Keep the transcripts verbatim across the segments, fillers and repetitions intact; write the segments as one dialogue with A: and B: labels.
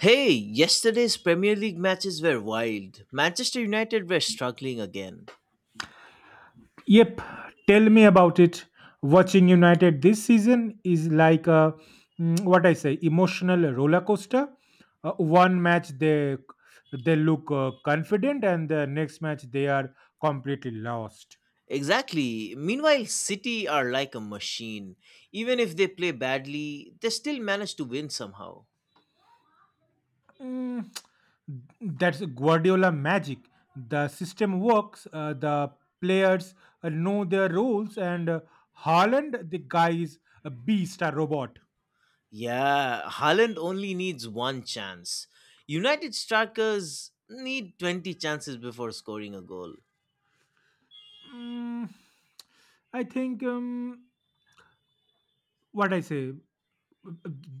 A: Hey, yesterday's Premier League matches were wild. Manchester United were struggling again.
B: Yep, tell me about it. Watching United this season is like a mm, what I say emotional roller coaster. Uh, one match they they look uh, confident, and the next match they are completely lost.
A: Exactly. Meanwhile, City are like a machine. Even if they play badly, they still manage to win somehow.
B: Mm, that's Guardiola magic. The system works. Uh, the players uh, know their roles, and uh, Haaland, the guy is a beast, a robot.
A: Yeah, Haaland only needs one chance. United strikers need twenty chances before scoring a goal.
B: Mm, I think. Um, what I say.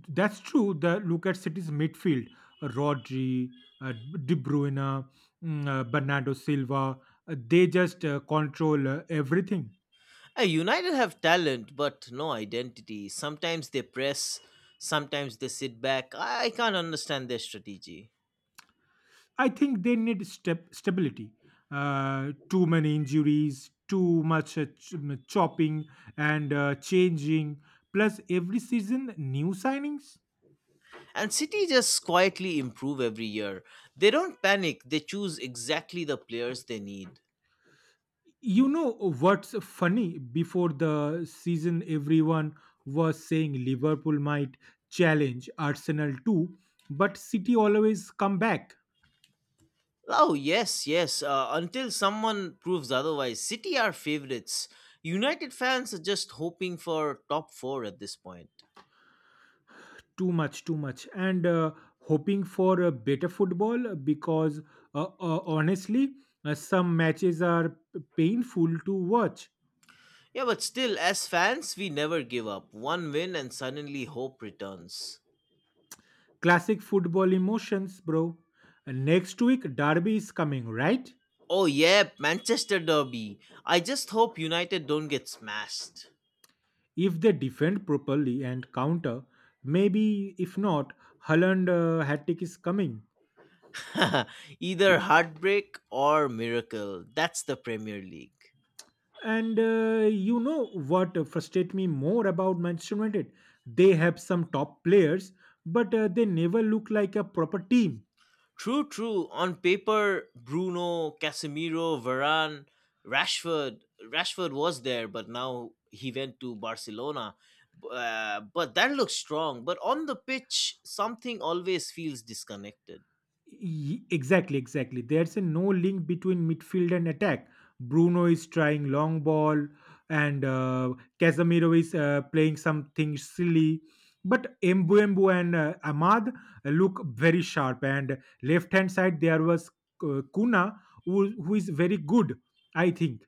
B: That's true. The look at City's midfield: Rodri, uh, De Bruyne, mm, uh, Bernardo Silva. Uh, they just uh, control uh, everything.
A: Uh, United have talent but no identity. Sometimes they press, sometimes they sit back. I I can't understand their strategy.
B: I think they need step stability. Uh, too many injuries, too much uh, ch- chopping and uh, changing. Plus, every season new signings.
A: And City just quietly improve every year. They don't panic. They choose exactly the players they need.
B: You know what's funny? Before the season, everyone was saying Liverpool might challenge Arsenal too, but City always come back.
A: Oh, yes, yes, uh, until someone proves otherwise, City are favorites. United fans are just hoping for top four at this point.
B: Too much, too much, and uh, hoping for a better football because uh, uh, honestly, uh, some matches are p- painful to watch.
A: Yeah, but still, as fans, we never give up. One win and suddenly hope returns.
B: Classic football emotions, bro. And next week, Derby is coming, right?
A: Oh yeah, Manchester derby. I just hope United don't get smashed.
B: If they defend properly and counter, maybe. If not, Holland uh, hat trick is coming.
A: Either heartbreak or miracle. That's the Premier League.
B: And uh, you know what frustrates me more about Manchester United? They have some top players, but uh, they never look like a proper team.
A: True, true. On paper, Bruno, Casemiro, Varane, Rashford. Rashford was there, but now he went to Barcelona. Uh, but that looks strong. But on the pitch, something always feels disconnected.
B: Y- Exactly, exactly. There's a no link between midfield and attack. Bruno is trying long ball, and uh, Casemiro is uh, playing something silly. But Mbuembu and uh, Ahmad look very sharp. And left hand side, there was uh, Kuna, who, who is very good, I think.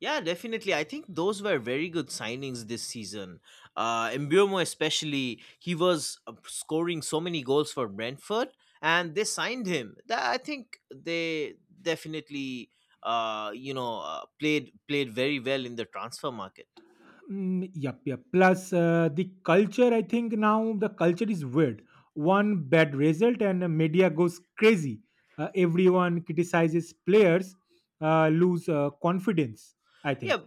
A: Yeah, definitely. I think those were very good signings this season. Uh, Mbeumo especially, he was uh, scoring so many goals for Brentford, and they signed him. That I think they definitely, uh, you know, uh, played played very well in the transfer market.
B: Mm, yep, yep. Plus, uh, the culture, I think now the culture is weird. One bad result and the media goes crazy. Uh, everyone criticizes players, uh, lose uh, confidence, I think.
A: Yeah,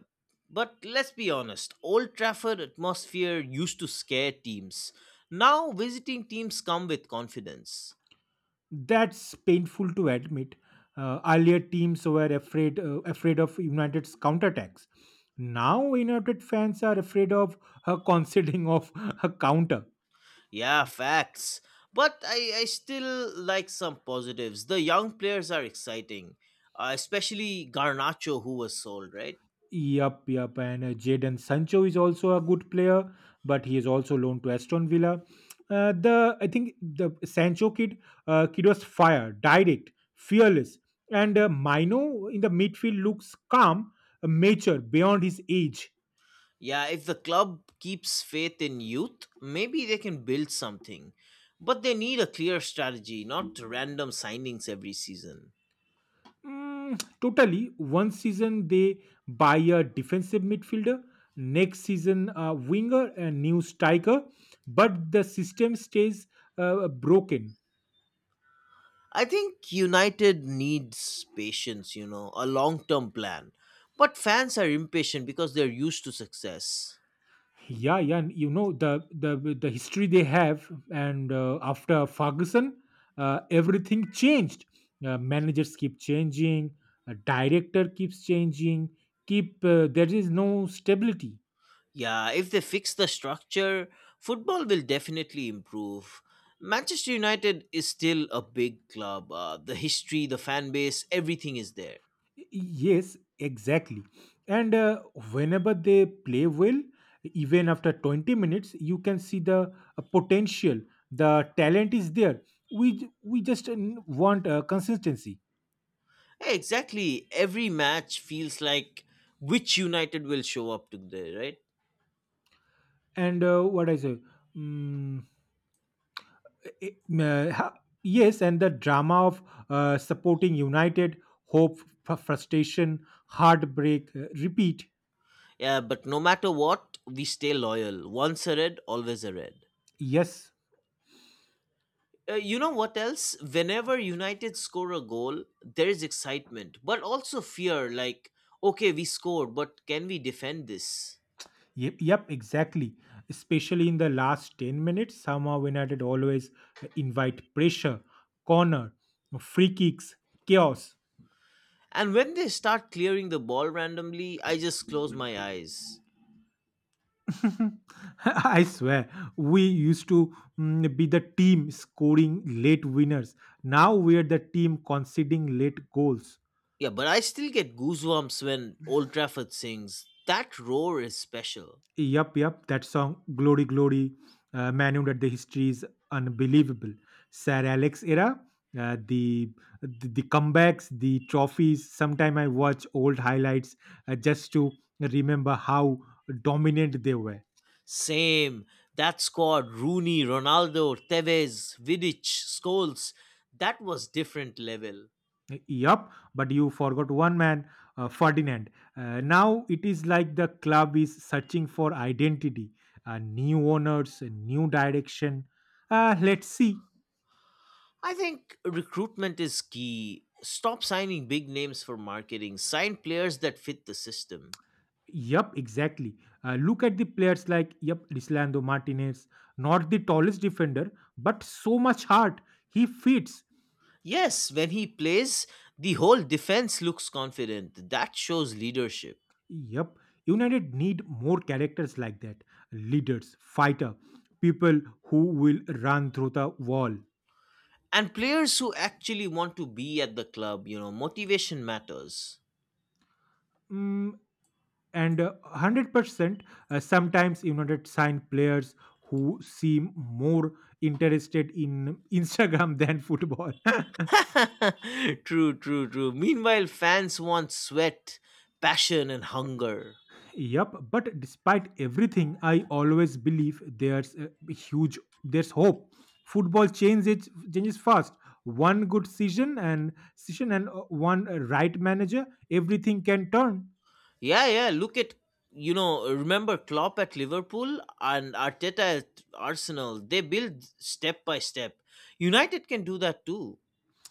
A: but let's be honest. Old Trafford atmosphere used to scare teams. Now visiting teams come with confidence.
B: That's painful to admit. Uh, earlier teams were afraid uh, afraid of United's counterattacks. Now United fans are afraid of uh, conceding of a counter.
A: Yeah, facts. But I, I still like some positives. The young players are exciting, uh, especially Garnacho, who was sold, right?
B: Yup, yup. And uh, Jadon Sancho is also a good player, but he is also loaned to Aston Villa. Uh, the I think the Sancho kid, uh, kid was fire, direct, fearless, and uh, Mino in the midfield looks calm, uh, mature beyond his age.
A: Yeah, if the club keeps faith in youth, maybe they can build something. But they need a clear strategy, not random signings every season.
B: Mm, totally. One season they buy a defensive midfielder, next season a winger, and new striker, but the system stays uh, broken.
A: I think United needs patience, you know, a long term plan. But fans are impatient because they're used to success.
B: Yeah, yeah, and you know the the the history they have, and uh, after Ferguson, uh, everything changed. Uh, managers keep changing, a director keeps changing. Keep uh, there is no stability.
A: Yeah, if they fix the structure, football will definitely improve. Manchester United is still a big club. Uh, the history, the fan base, everything is there.
B: Yes, exactly. And uh, whenever they play well, even after twenty minutes, you can see the uh, potential. The talent is there. We j- we just uh, want uh, consistency.
A: Yeah, exactly. Every match feels like which United will show up today, right?
B: And uh, what I say. Mm, it- uh, ha- Yes, and the drama of uh, supporting united, hope, fr- frustration, heartbreak, uh, repeat.
A: Yeah, but no matter what, we stay loyal. Once a red, always a red.
B: Yes.
A: Uh, you know what else? Whenever United score a goal, there is excitement, but also fear like, okay, we scored, but can we defend this?
B: Yep, yep, exactly. Especially in the last ten minutes somehow united always uh, invite pressure, corner, free kicks, chaos.
A: And when they start clearing the ball randomly, I just close my eyes.
B: I swear, we used to mm, be the team scoring late winners, now we're the team conceding late goals.
A: Yeah, but I still get goosebumps when Old Trafford sings. That roar is special.
B: Yup, yup. That song, Glory, Glory, uh, Manu, that the history is unbelievable. Sir Alex era, uh, the, the the comebacks, the trophies. Sometime I watch old highlights uh, just to remember how dominant they were.
A: Same. That squad, Rooney, Ronaldo, Tevez, Vidic, Scholes, that was different level.
B: Yup, but you forgot one man, uh, Ferdinand. Uh, now it is like the club is searching for identity, uh, new owners, new direction. Uh, let's see.
A: I think recruitment is key. Stop signing big names for marketing, sign players that fit the system.
B: Yup, exactly. Uh, look at the players like Yup Dislando Martinez, not the tallest defender, but so much heart. He fits.
A: Yes, when he plays, the whole defense looks confident. That shows leadership.
B: Yup, United need more characters like that. Leaders, fighter, people who will run through the wall.
A: And players who actually want to be at the club you know Motivation matters.
B: Mm, and uh, one hundred percent. Uh, sometimes United sign players who seem more interested in Instagram than football.
A: True, true, true. Meanwhile, fans want sweat, passion and hunger.
B: Yup, but despite everything, I always believe there's a huge, there's hope. Football changes changes fast. One good season and season and uh, one right manager, everything can turn.
A: Yeah, yeah, look at, you know remember Klopp at Liverpool and Arteta at Arsenal. They build step by step. United can do that too.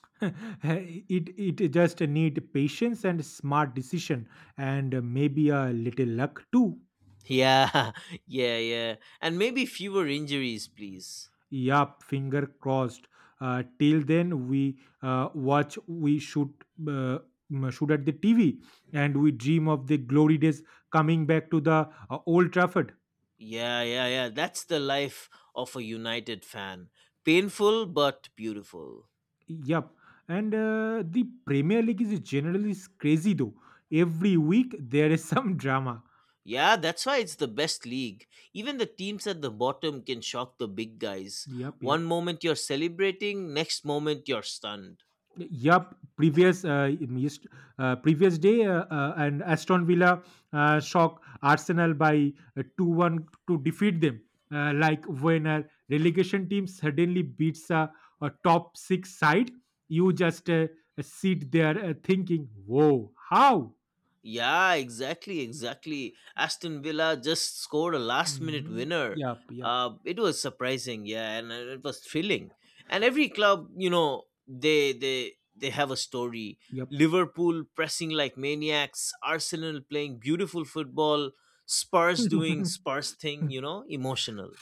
B: it it just need patience and smart decision and maybe a little luck too.
A: Yeah, yeah, yeah, and maybe fewer injuries please.
B: Yup, finger crossed. Uh, till then, we uh, watch, we shoot, uh, m- shoot at the T V, and we dream of the glory days coming back to the uh, Old Trafford.
A: Yeah, yeah, yeah. That's the life of a United fan. Painful but beautiful.
B: Yup, and uh, the Premier League is generally s- crazy though. Every week there is some drama.
A: Yeah, that's why it's the best league. Even the teams at the bottom can shock the big guys.
B: Yup, yup.
A: One moment you're celebrating, next moment you're stunned.
B: Yup, previous uh, missed, uh, previous day, uh, uh, and Aston Villa uh, shock Arsenal by uh, two one to defeat them. Uh, like when a relegation team suddenly beats a, a top six side, you just uh, sit there uh, thinking, "Whoa, how?"
A: Yeah, exactly, exactly. Aston Villa just scored a last minute
B: Mm,
A: winner.
B: yup, yup,
A: Uh, it was surprising, yeah, and uh, it was thrilling. And every club, you know, they they they have a story.
B: yup.
A: Liverpool pressing like maniacs, Arsenal playing beautiful football, Spurs doing Spurs thing, you know, emotional.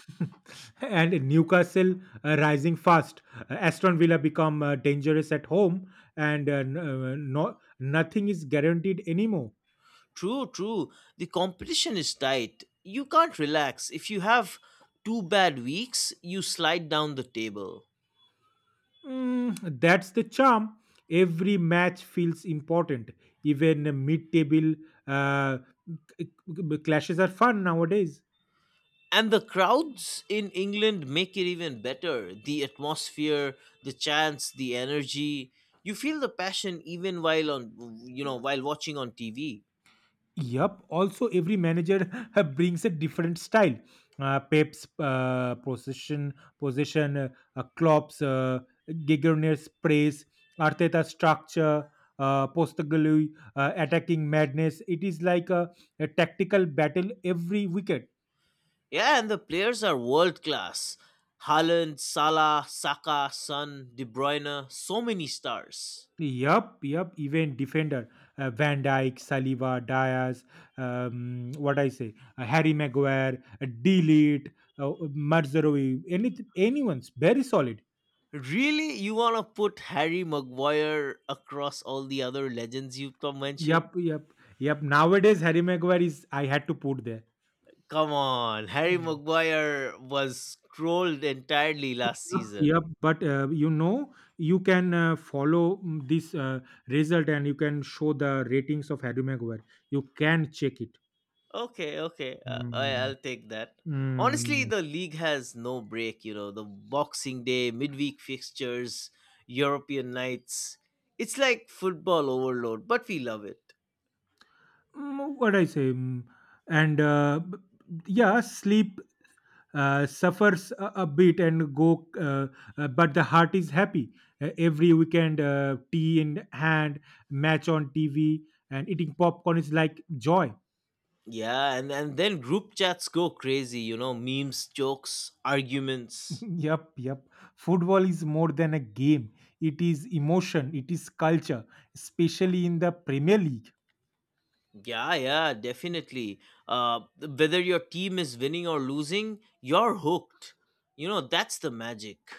B: And Newcastle uh, rising fast. Uh, Aston Villa become uh, dangerous at home, and uh, n- uh, no, nothing is guaranteed anymore.
A: True, true. The competition is tight. You can't relax. If you have two bad weeks, you slide down the table.
B: Mm, that's the charm. Every match feels important. Even mid-table uh, c- c- clashes are fun nowadays.
A: And the crowds in England make it even better. The atmosphere, the chants, the energy. You feel the passion even while on, you know while watching on T V.
B: Yup. Also, every manager brings a different style. Uh, Pep's uh, possession, possession, uh, uh, Klopp's uh, Gigerner's praise, Arteta's structure, uh, Postaglu uh, attacking madness. It is like a, a tactical battle every wicket.
A: Yeah, and the players are world class. Haaland, Salah, Saka, Son, De Bruyne, so many stars.
B: Yup, yup. Even defender uh, Van Dyke, Saliba, Diaz, um, what I say, uh, Harry Maguire, uh, Delete, uh, Marzerowi, anything, anyone's very solid.
A: Really, you want to put Harry Maguire across all the other legends you've come mentioned?
B: Yep, yep, yep. Nowadays, Harry Maguire is I had to put there.
A: Come on, Harry
B: Mm.
A: Maguire was trolled entirely last
B: Yep, yep.
A: season.
B: But uh, you know, you can uh, follow mm, this uh, result and you can show the ratings of Harry Maguire. You can check it.
A: Okay, okay. Uh, I,
B: Mm.
A: I'll take that. Honestly,
B: Mm.
A: the league has no break, you know, the Boxing Day, midweek fixtures, European nights. It's like football overload, but we love it.
B: Mm, What I say, mm, and uh, b- yeah, sleep uh, suffers a, a bit and go uh, uh, but the heart is happy. Uh, every weekend uh, tea in hand, match on TV, and eating popcorn is like joy.
A: Yeah, and, and then group chats go crazy, you know, memes, jokes, arguments.
B: Yep, yep. Football is more than a game. It is emotion. It is culture, especially in the Premier League.
A: Yeah, yeah, definitely. Uh, whether your team is winning or losing, you're hooked. You know, that's the magic.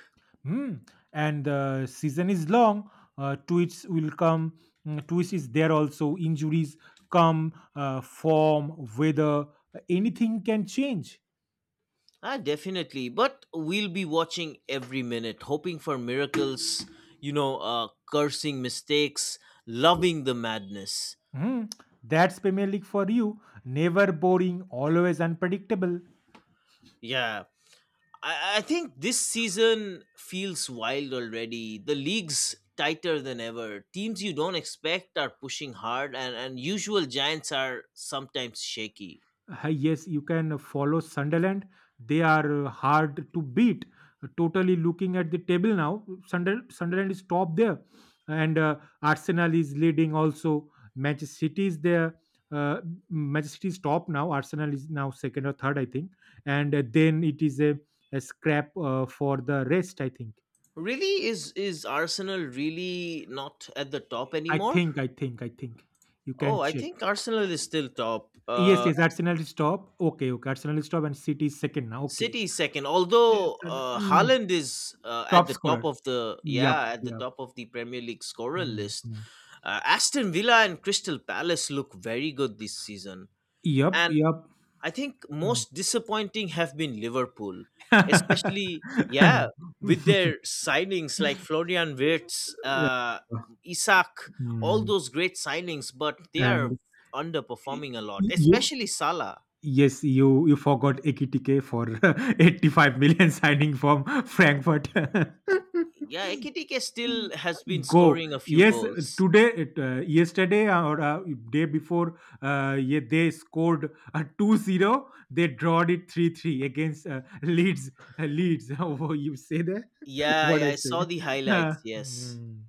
B: Hmm. And the season is long. Uh, tweets will come. Mm, Twist is there also. Injuries come. Uh, form, weather, anything can change.
A: Ah, definitely. But we'll be watching every minute, hoping for miracles, you know, uh, cursing mistakes, loving the madness.
B: Hmm, that's Premier League for you. Never boring, always unpredictable.
A: Yeah. I, I think this season feels wild already. The league's tighter than ever. Teams you don't expect are pushing hard, and, and usual giants are sometimes shaky.
B: Ah, yes, you can follow Sunderland. They are uh, hard to beat. Uh, Totally looking at the table now. Sunder- Sunderland is top there, and uh, Arsenal is leading also. Manchester City is there. Uh, Manchester City is top now. Arsenal is now second or third, I think. And uh, then it is a, a scrap uh, for the rest, I think.
A: Really, is is Arsenal really not at the top
B: I
A: anymore?
B: think, I think, I think. You
A: Oh,
B: can
A: I
B: check.
A: think Arsenal is still top.
B: Yes,
A: Uh,
B: yes, Arsenal is top. Okay, okay. Arsenal is top and City is second now. Okay.
A: City is second,
B: Yes,
A: although
B: and,
A: uh,
B: mm,
A: Haaland is uh, at
B: top
A: the top
B: scorer.
A: of the
B: Yup,
A: yeah at the
B: yup.
A: top of the Premier League scorer
B: Mm,
A: list.
B: mm.
A: Uh, Aston Villa and Crystal Palace look very good this season,
B: Yup,
A: and
B: yup.
A: I think
B: Mm.
A: most disappointing have been Liverpool, especially, yeah, with their signings like Florian Wirtz,
B: Yeah.
A: uh, Isak, all
B: Mm.
A: those great signings, but they are
B: And
A: underperforming a lot,
B: y- you?
A: especially Salah.
B: Yes, you you forgot Ekitike for eighty-five million signing from Frankfurt.
A: Yeah, Ekitike still has been
B: Go.
A: scoring a few
B: Yes,
A: goals.
B: today, it, uh, yesterday uh, or uh, day before, uh, yeah, they scored a two zero. They drawed it three three against uh, Leeds. Uh, Leeds. Oh, you say that?
A: Yeah,
B: What
A: I,
B: I
A: I
B: say?
A: saw the
B: Uh,
A: highlights. Yes.
B: Mm,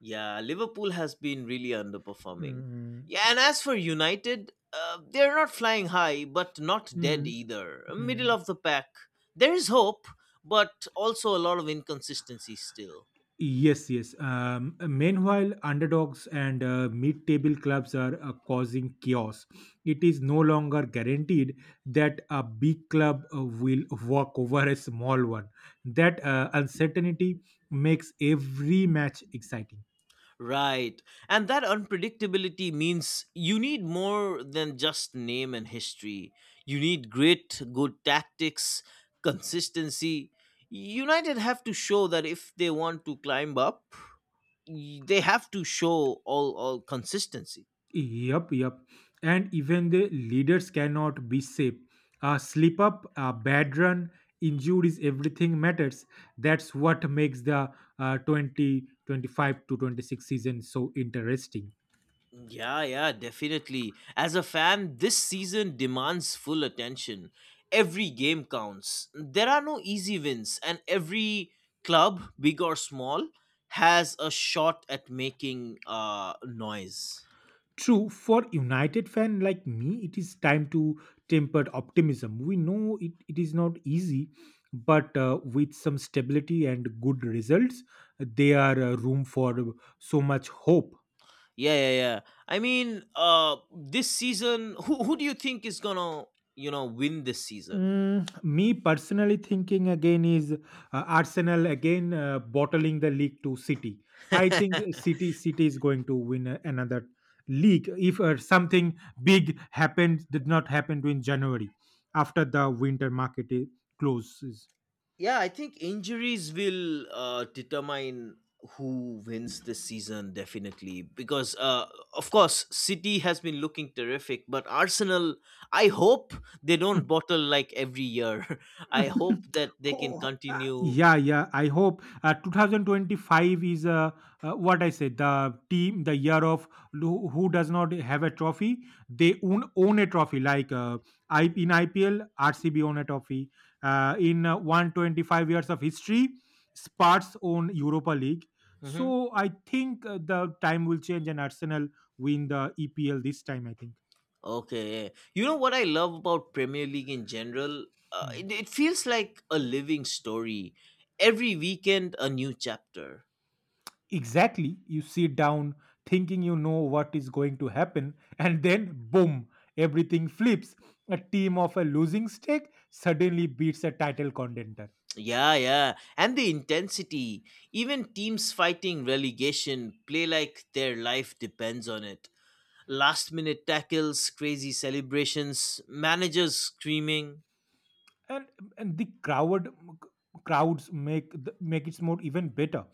A: Yeah, Liverpool has been really underperforming.
B: mm.
A: Yeah, and as for United, uh, they're not flying high, but not dead
B: mm,
A: either. Middle
B: mm.
A: of the pack. There is hope, but also a lot of inconsistency still.
B: Yes, yes. Um, meanwhile, underdogs and uh, mid-table clubs are uh, causing chaos. It is no longer guaranteed that a big club uh, will walk over a small one. That uh, uncertainty makes every match exciting.
A: Right. And that unpredictability means you need more than just name and history. You need grit, good tactics, consistency. United have to show that if they want to climb up, y- they have to show all all consistency.
B: Yup, yup. And even the leaders cannot be safe. A slip up, a bad run, injuries, everything matters. That's what makes the uh, twenty twenty five to twenty-six season so interesting.
A: Yeah, yeah, definitely. As a fan, this season demands full attention. Every game counts. There are no easy wins, and every club, big or small, has a shot at making uh noise.
B: True, for United fan like me, it is time to temper optimism. We know it, it is not easy, but uh, with some stability and good results, there are uh, room for so much hope.
A: Yeah, yeah, yeah. I mean, uh this season, who who do you think is gonna, you know, win this season?
B: Mm, me personally thinking again is uh, Arsenal again uh, bottling the league to City. I think City City is going to win a- another league if uh, something big happened did not happen to in January after the winter market i- closes.
A: Yeah, I think injuries will uh, determine who wins this season definitely, because uh, of course City has been looking terrific, but Arsenal. I hope they don't bottle like every year. I hope that they can
B: Oh uh,
A: continue.
B: yeah, yeah. I hope uh, two thousand twenty-five is uh, uh, what I say the team, the year of who, who does not have a trophy, they own own a trophy. Like uh, I, in I P L, R C B own a trophy. Uh, in uh, one hundred twenty-five years of history, Spurs own Europa League.
A: Hmm.
B: So I think uh, the time will change and Arsenal win the E P L this time. I think.
A: Okay, yeah. You know what I love about Premier League in general? Uh,
B: Hmm.
A: it, it feels like a living story. Every weekend, a new chapter.
B: Exactly. You sit down thinking you know what is going to happen, and then boom, everything flips. A team of a losing streak suddenly beats a title contender,
A: Yeah, yeah. And the intensity. Even teams fighting relegation play like their life depends on it. Last minute tackles, crazy celebrations, managers screaming.
B: and and the crowd crowds make the, make it more even better.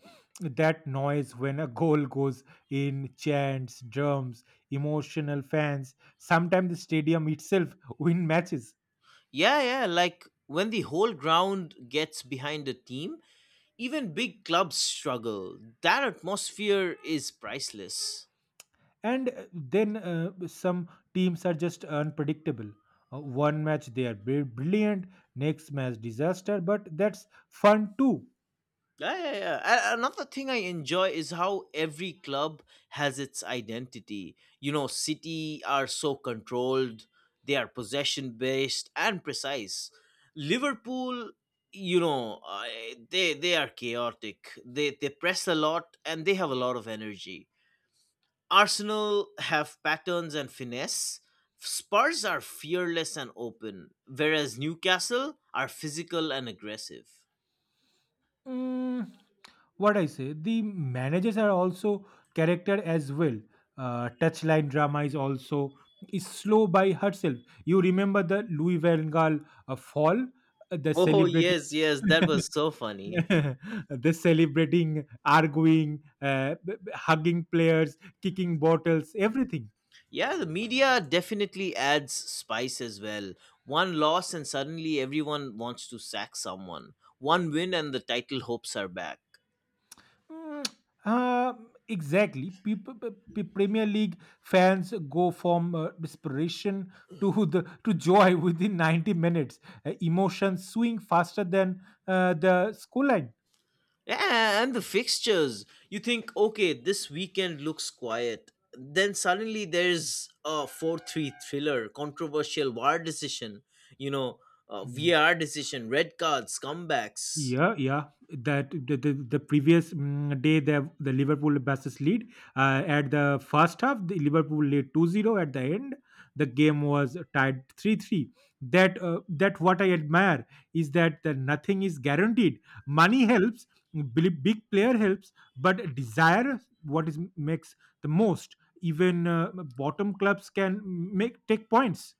B: That noise when a goal goes in, chants, drums, emotional fans. Sometimes the stadium itself win matches.
A: Yeah, yeah. Like when the whole ground gets behind a team, even big clubs struggle. That atmosphere is priceless.
B: And uh, then uh, some teams are just unpredictable. Uh, one match they are bri- brilliant, next match disaster, but that's fun too.
A: Yeah, yeah, yeah. A- Another thing I enjoy is how every club has its identity. You know, City are so controlled, they are possession based and precise. Liverpool, you know, uh, they they are chaotic. They they press a lot and they have a lot of energy. Arsenal have patterns and finesse. Spurs are fearless and open, whereas Newcastle are physical and aggressive.
B: Mm, what I say The managers are also character as well. Uh, touchline drama is also is slow by herself. You remember the Louis van Gaal uh, fall, uh, the
A: Oh,
B: celebrating.
A: yes, yes, that was so funny.
B: They celebrating, arguing, uh, b- b- hugging players, kicking bottles, everything.
A: Yeah, the media definitely adds spice as well. One loss, and suddenly everyone wants to sack someone. One win, and the title hopes are back.
B: Mm, uh, exactly. People, Premier League fans go from uh, desperation to the to joy within ninety minutes. Uh, emotions swing faster than uh, the scoreline.
A: Yeah, and the fixtures. You think, okay, this weekend looks quiet. Then suddenly there's a four three thriller, controversial VAR decision, you know, uh, V R decision, red cards, comebacks.
B: Yeah, yeah. That the, the, the previous mm, day, the the Liverpool versus lead uh, at the first half, the Liverpool lead two zero at the end. The game was tied three three. That uh, that what I admire is that the nothing is guaranteed. Money helps, big big player helps, but desire what is makes the most. Even uh, bottom clubs can mm, make take points.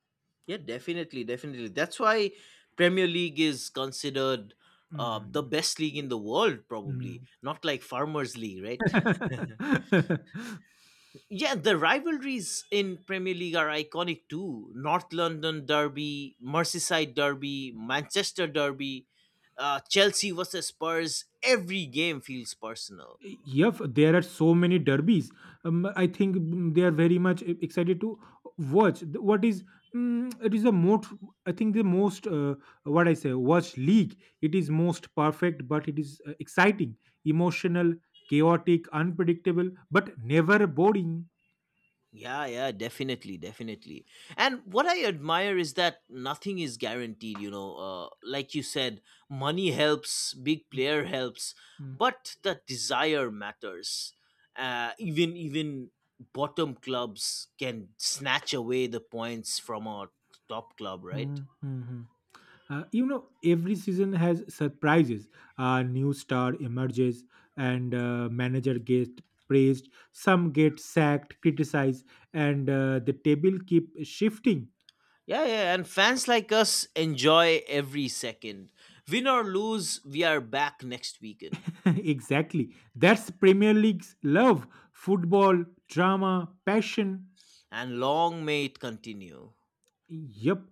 A: Yeah, definitely, definitely. That's why Premier League is considered uh, the
B: Mm,
A: best league in the world, probably. Not like Farmers League, right?
B: mm.
A: Yeah, the rivalries in Premier League are iconic too. North London Derby, Merseyside Derby, Manchester Derby, uh, Chelsea versus Spurs. Every game feels personal.
B: Yeah, there are so many derbies. Um, I think mm, they are very much e- excited to watch. The- What is mm, it is the most? I think the most uh, what I say watch league. It is most perfect, but it is uh, exciting, emotional, chaotic, unpredictable, but never boring.
A: Yeah, yeah, definitely, definitely. And what I admire is that nothing is guaranteed, you know. Uh, like you said, money helps, big player helps,
B: Mm,
A: but the desire matters. Uh, even even bottom clubs can snatch away the points from a top club, right?
B: mm, mm, mm. Uh, you know, every season has surprises. A new star emerges, and uh, manager gets praised. Some get sacked, criticized, and uh, the table keep shifting.
A: Yeah, yeah, and fans like us enjoy every second. Win or lose, we are back next weekend.
B: Exactly, that's Premier League's love: football, drama, passion.
A: And long may it continue.
B: Yep.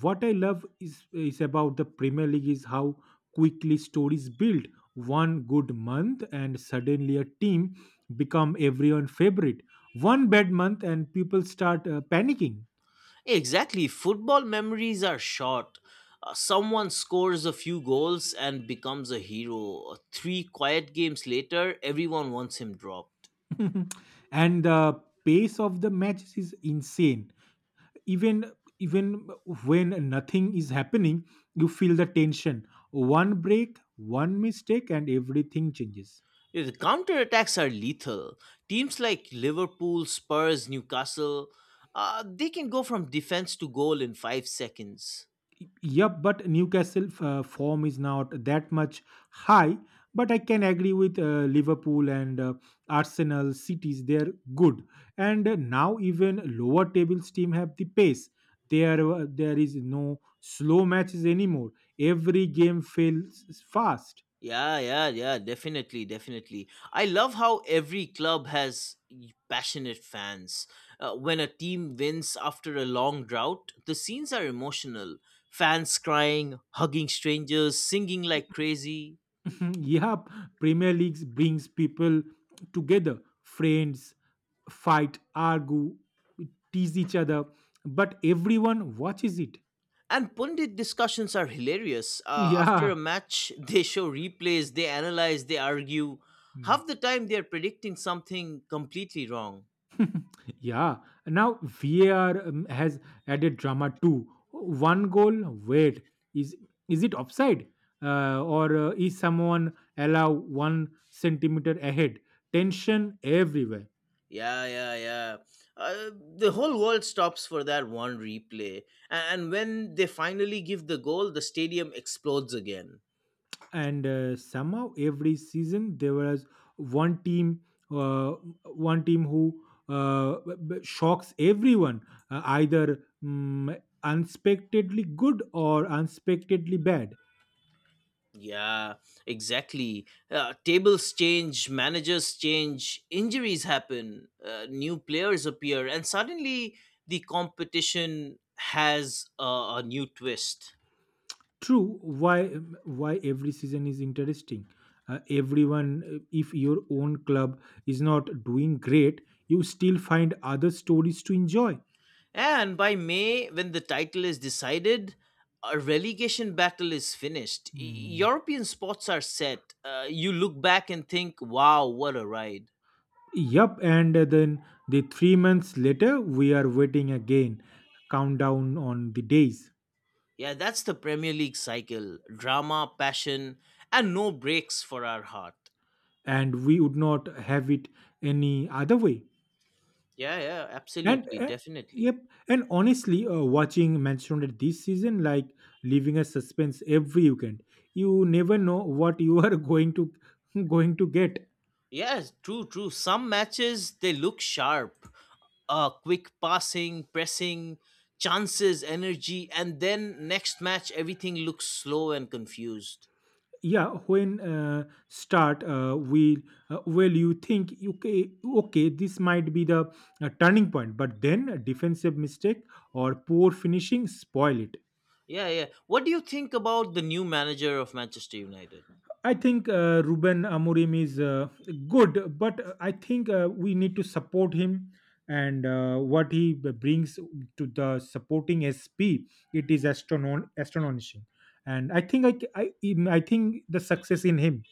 B: What I love is is about the Premier League is how quickly stories build. One good month and suddenly a team become everyone favorite. One bad month and people start uh, panicking.
A: Exactly. Football memories are short. Uh, someone scores a few goals and becomes a hero. Uh, Three quiet games later, everyone wants him dropped.
B: And the pace of the matches is insane. Even even when nothing is happening, you feel the tension. One break, one mistake, and everything changes.
A: Yeah, the counterattacks are lethal. Teams like Liverpool, Spurs, Newcastle, uh, they can go from defense to goal in five seconds.
B: Yep, but Newcastle uh, form is not that much high. But I can agree with uh, Liverpool and uh, Arsenal cities. They're good, and uh, now even lower tables team have the pace. There, uh, there is no slow matches anymore. Every game feels fast.
A: Yeah, yeah, yeah, definitely, definitely. I love how every club has y- passionate fans. Uh, when a team wins after a long drought, the scenes are emotional. Fans crying, hugging strangers, singing like crazy.
B: Yep, Premier League brings people together, friends, fight, argue, tease each other, but everyone watches it.
A: And pundit discussions are hilarious. Uh, after a
B: Yeah.
A: match, they show replays, they analyze, they argue.
B: Mm.
A: Half the time, they are predicting something completely wrong.
B: Yeah. Now VAR um, has added drama too. One goal. Wait, is is it offside, uh, or uh, is someone allow one centimeter ahead? Tension everywhere,
A: Yeah, yeah, yeah. Uh, the whole world stops for that one replay. A- And when they finally give the goal, the stadium explodes again.
B: and uh, somehow every season there was one team, uh, one team who uh, b- b- shocks everyone, uh, either um, unexpectedly good or unexpectedly bad.
A: Yeah, exactly. Uh, tables change, managers change, injuries happen, uh, new players appear, and suddenly the competition has a, a new twist.
B: True. Why? Why every season is interesting. Uh, everyone, uh, if your own club is not doing great, you still find other stories to enjoy.
A: And by May, when the title is decided, a relegation battle is finished. E-
B: Hmm.
A: European spots are set. Uh, you look back and think, wow, what a ride.
B: Yup, and then the three months later, we are waiting again, countdown on the days,
A: Yeah, that's the Premier League cycle drama, passion, and no breaks for our heart.
B: and we would not have it any other way.
A: Yeah, yeah,
B: And
A: absolutely,
B: uh, yep,
A: definitely.
B: and honestly, uh, watching Manchester United this season like leaving a suspense every weekend. You never know what you are going to going to get.
A: Yes, true, true. Some matches, they look sharp. Uh, quick passing, pressing, chances, energy, and then next match, everything looks slow and confused.
B: Yeah, when uh, start uh, we uh, well you think okay okay this might be the uh, turning point, but then a defensive mistake or poor finishing spoil it.
A: Yeah, yeah. What do you think about the new manager of Manchester United?
B: I think uh, Ruben Amorim is uh, good, but uh, I think uh, we need to support him and uh, what he b- brings to the supporting S P. It is astronom- astonishing, and I think I, c- I in- I think the success in him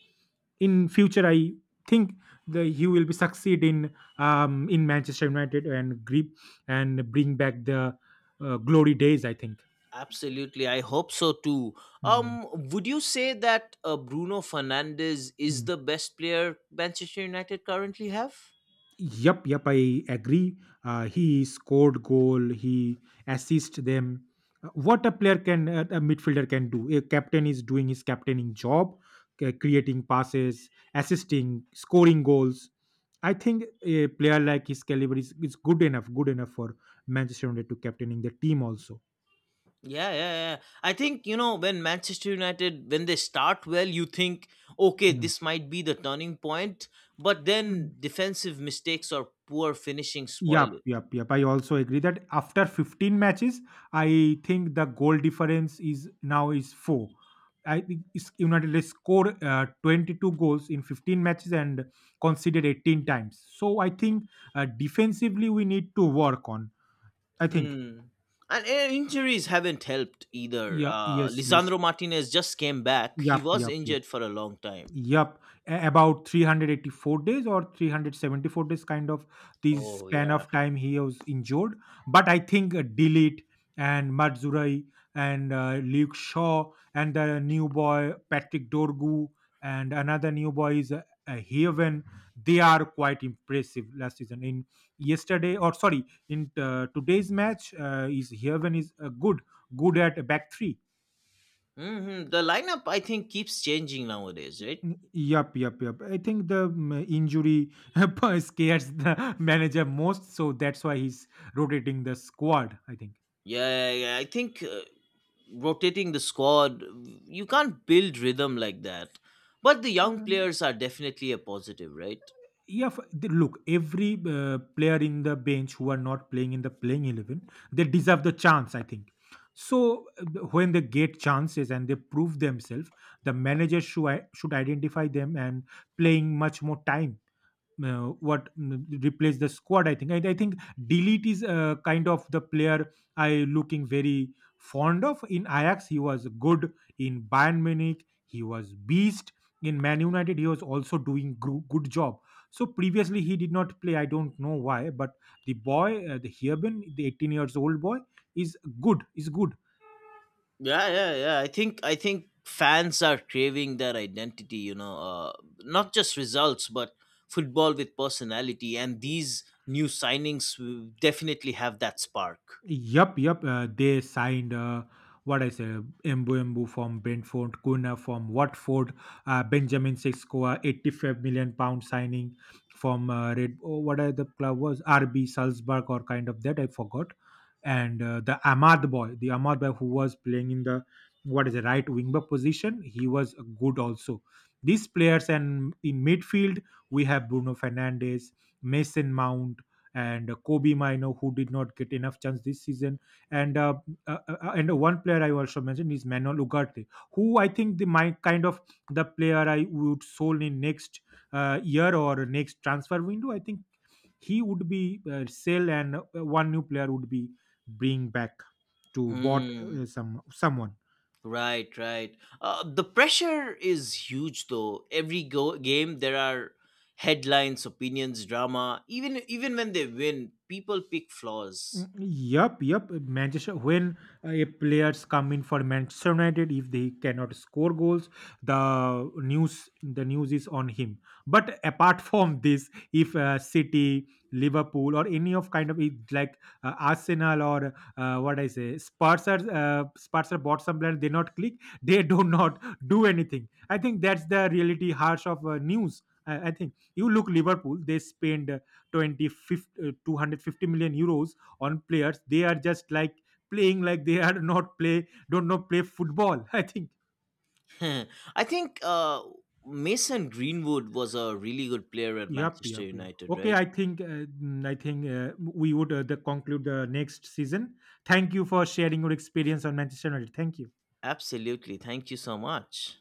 B: in future. I think the he will be succeed in um, in Manchester United and grip and bring back the uh, glory days. I think.
A: Absolutely, I hope so too.
B: Hmm.
A: Um, would you say that uh, Bruno Fernandes is
B: hmm.
A: the best player Manchester United currently have?
B: Yep, yep, I agree. Uh, he scored goal. He assist them. Uh, What a player can, uh, a midfielder can do. A captain is doing his captaining job, c- creating passes, assisting, scoring goals. I think a player like his caliber is, is good enough, good enough for Manchester United to captaining the team also.
A: Yeah, yeah, yeah, yeah. I think, you know, when Manchester United, when they start well, you think, okay, this might be the turning point, but
B: Mm.
A: then defensive mistakes or poor finishing spoil
B: Yup,
A: it.
B: yup, yup. I also agree that after fifteen matches, I think the goal difference is now is four. I think is- United has scored uh, twenty-two goals in fifteen matches and conceded eighteen times. So I think uh, defensively we need to work on. I think.
A: Hmm. And uh, injuries haven't helped either.
B: Yeah.
A: Uh,
B: Yes. Yes.
A: Lisandro Martinez just came back. He
B: Yup.
A: was
B: Yup. Yup.
A: injured for a long time.
B: Yep, a- about three hundred eighty-four days or three hundred seventy-four days, kind of the
A: Oh
B: span
A: yeah.
B: of time he was injured. But I think uh, Dilit and Matzurai and uh, Luke Shaw and the new boy Patrick Dorgu and another new boy is uh, uh, Heaven. They are quite impressive last season. In yesterday or sorry, in uh, today's match uh, is Heaven is uh, good, good at back three.
A: Hmm. The lineup, I think, keeps changing nowadays, right?
B: Mm. Yup, yup, yup. I think the mm, injury scares the manager most, so that's why he's rotating the squad. I think.
A: Yeah, yeah, yeah. I think uh, rotating the squad, you can't build rhythm like that. But the young
B: Mm.
A: players are definitely a positive, right?
B: Yeah, f- the- look, every uh, player in the bench who are not playing in the playing eleven, they deserve the chance, I think. So uh, the- when they get chances and they prove themselves, the manager should, should identify them and playing much more time. Uh, what mm, replace the squad i think i, I think delete is uh, kind of the player I looking very fond of in Ajax he was good in Bayern Munich he was beast in Man United he was also doing gro- good job, so previously he did not play I don't know why, but the boy uh, the Heerben, the eighteen years old boy is good, is good.
A: Yeah, yeah, yeah. I think I think fans are craving their identity. You know, uh, not just results, but football with personality. And these new signings will definitely have that spark.
B: Yup, yup. Uh, they signed uh, what I said, Embu Embu from Brentford, Kuna from Watford, uh, Benjamin Sexcoa, eighty-five million pound signing from uh, Red. Oh, what are the club was R B Salzburg or kind of that I forgot. And uh, the Ahmad boy, the Ahmad boy who was playing in the what is the right wing back position, he was good also. These players and in midfield we have Bruno Fernandes, Mason Mount, and Kobe Mino, who did not get enough chance this season, and uh, uh, uh, uh, and one player I also mentioned is Manuel Ugarte, who I think the my kind of the player I would solely next uh, year or next transfer window. I think he would be uh, sell and uh, one new player would be bring back to bought
A: Hmm.
B: uh, some someone.
A: Right, right. Uh, the pressure is huge, though. Every go- game, there are headlines, opinions, drama. Even even when they win, people pick flaws.
B: Mm, Yup, yup. Manchester, when uh, a players come in for Manchester United, if they cannot score goals, the news the news is on him. But apart from this, if uh, City, Liverpool, or any of kind of it- like uh, Arsenal or uh, what I say, Spurs are uh, Spurs are bought some player, they not click, they do not do anything. I think that's the reality harsh of uh, news. I, I think you look Liverpool, they spend uh, twenty, fifty, uh, two hundred fifty million euros on players they are just like playing like they are not play don't know play football I think.
A: I think uh, Mason Greenwood was a really good player at
B: Yep,
A: Manchester
B: yep, yep.
A: United,
B: Okay,
A: right?
B: I think uh, mm, I think uh, we would uh, the conclude the next season. Thank you for sharing your experience on Manchester United. Thank you.
A: Absolutely. Thank you so much.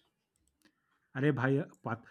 B: अरे भाई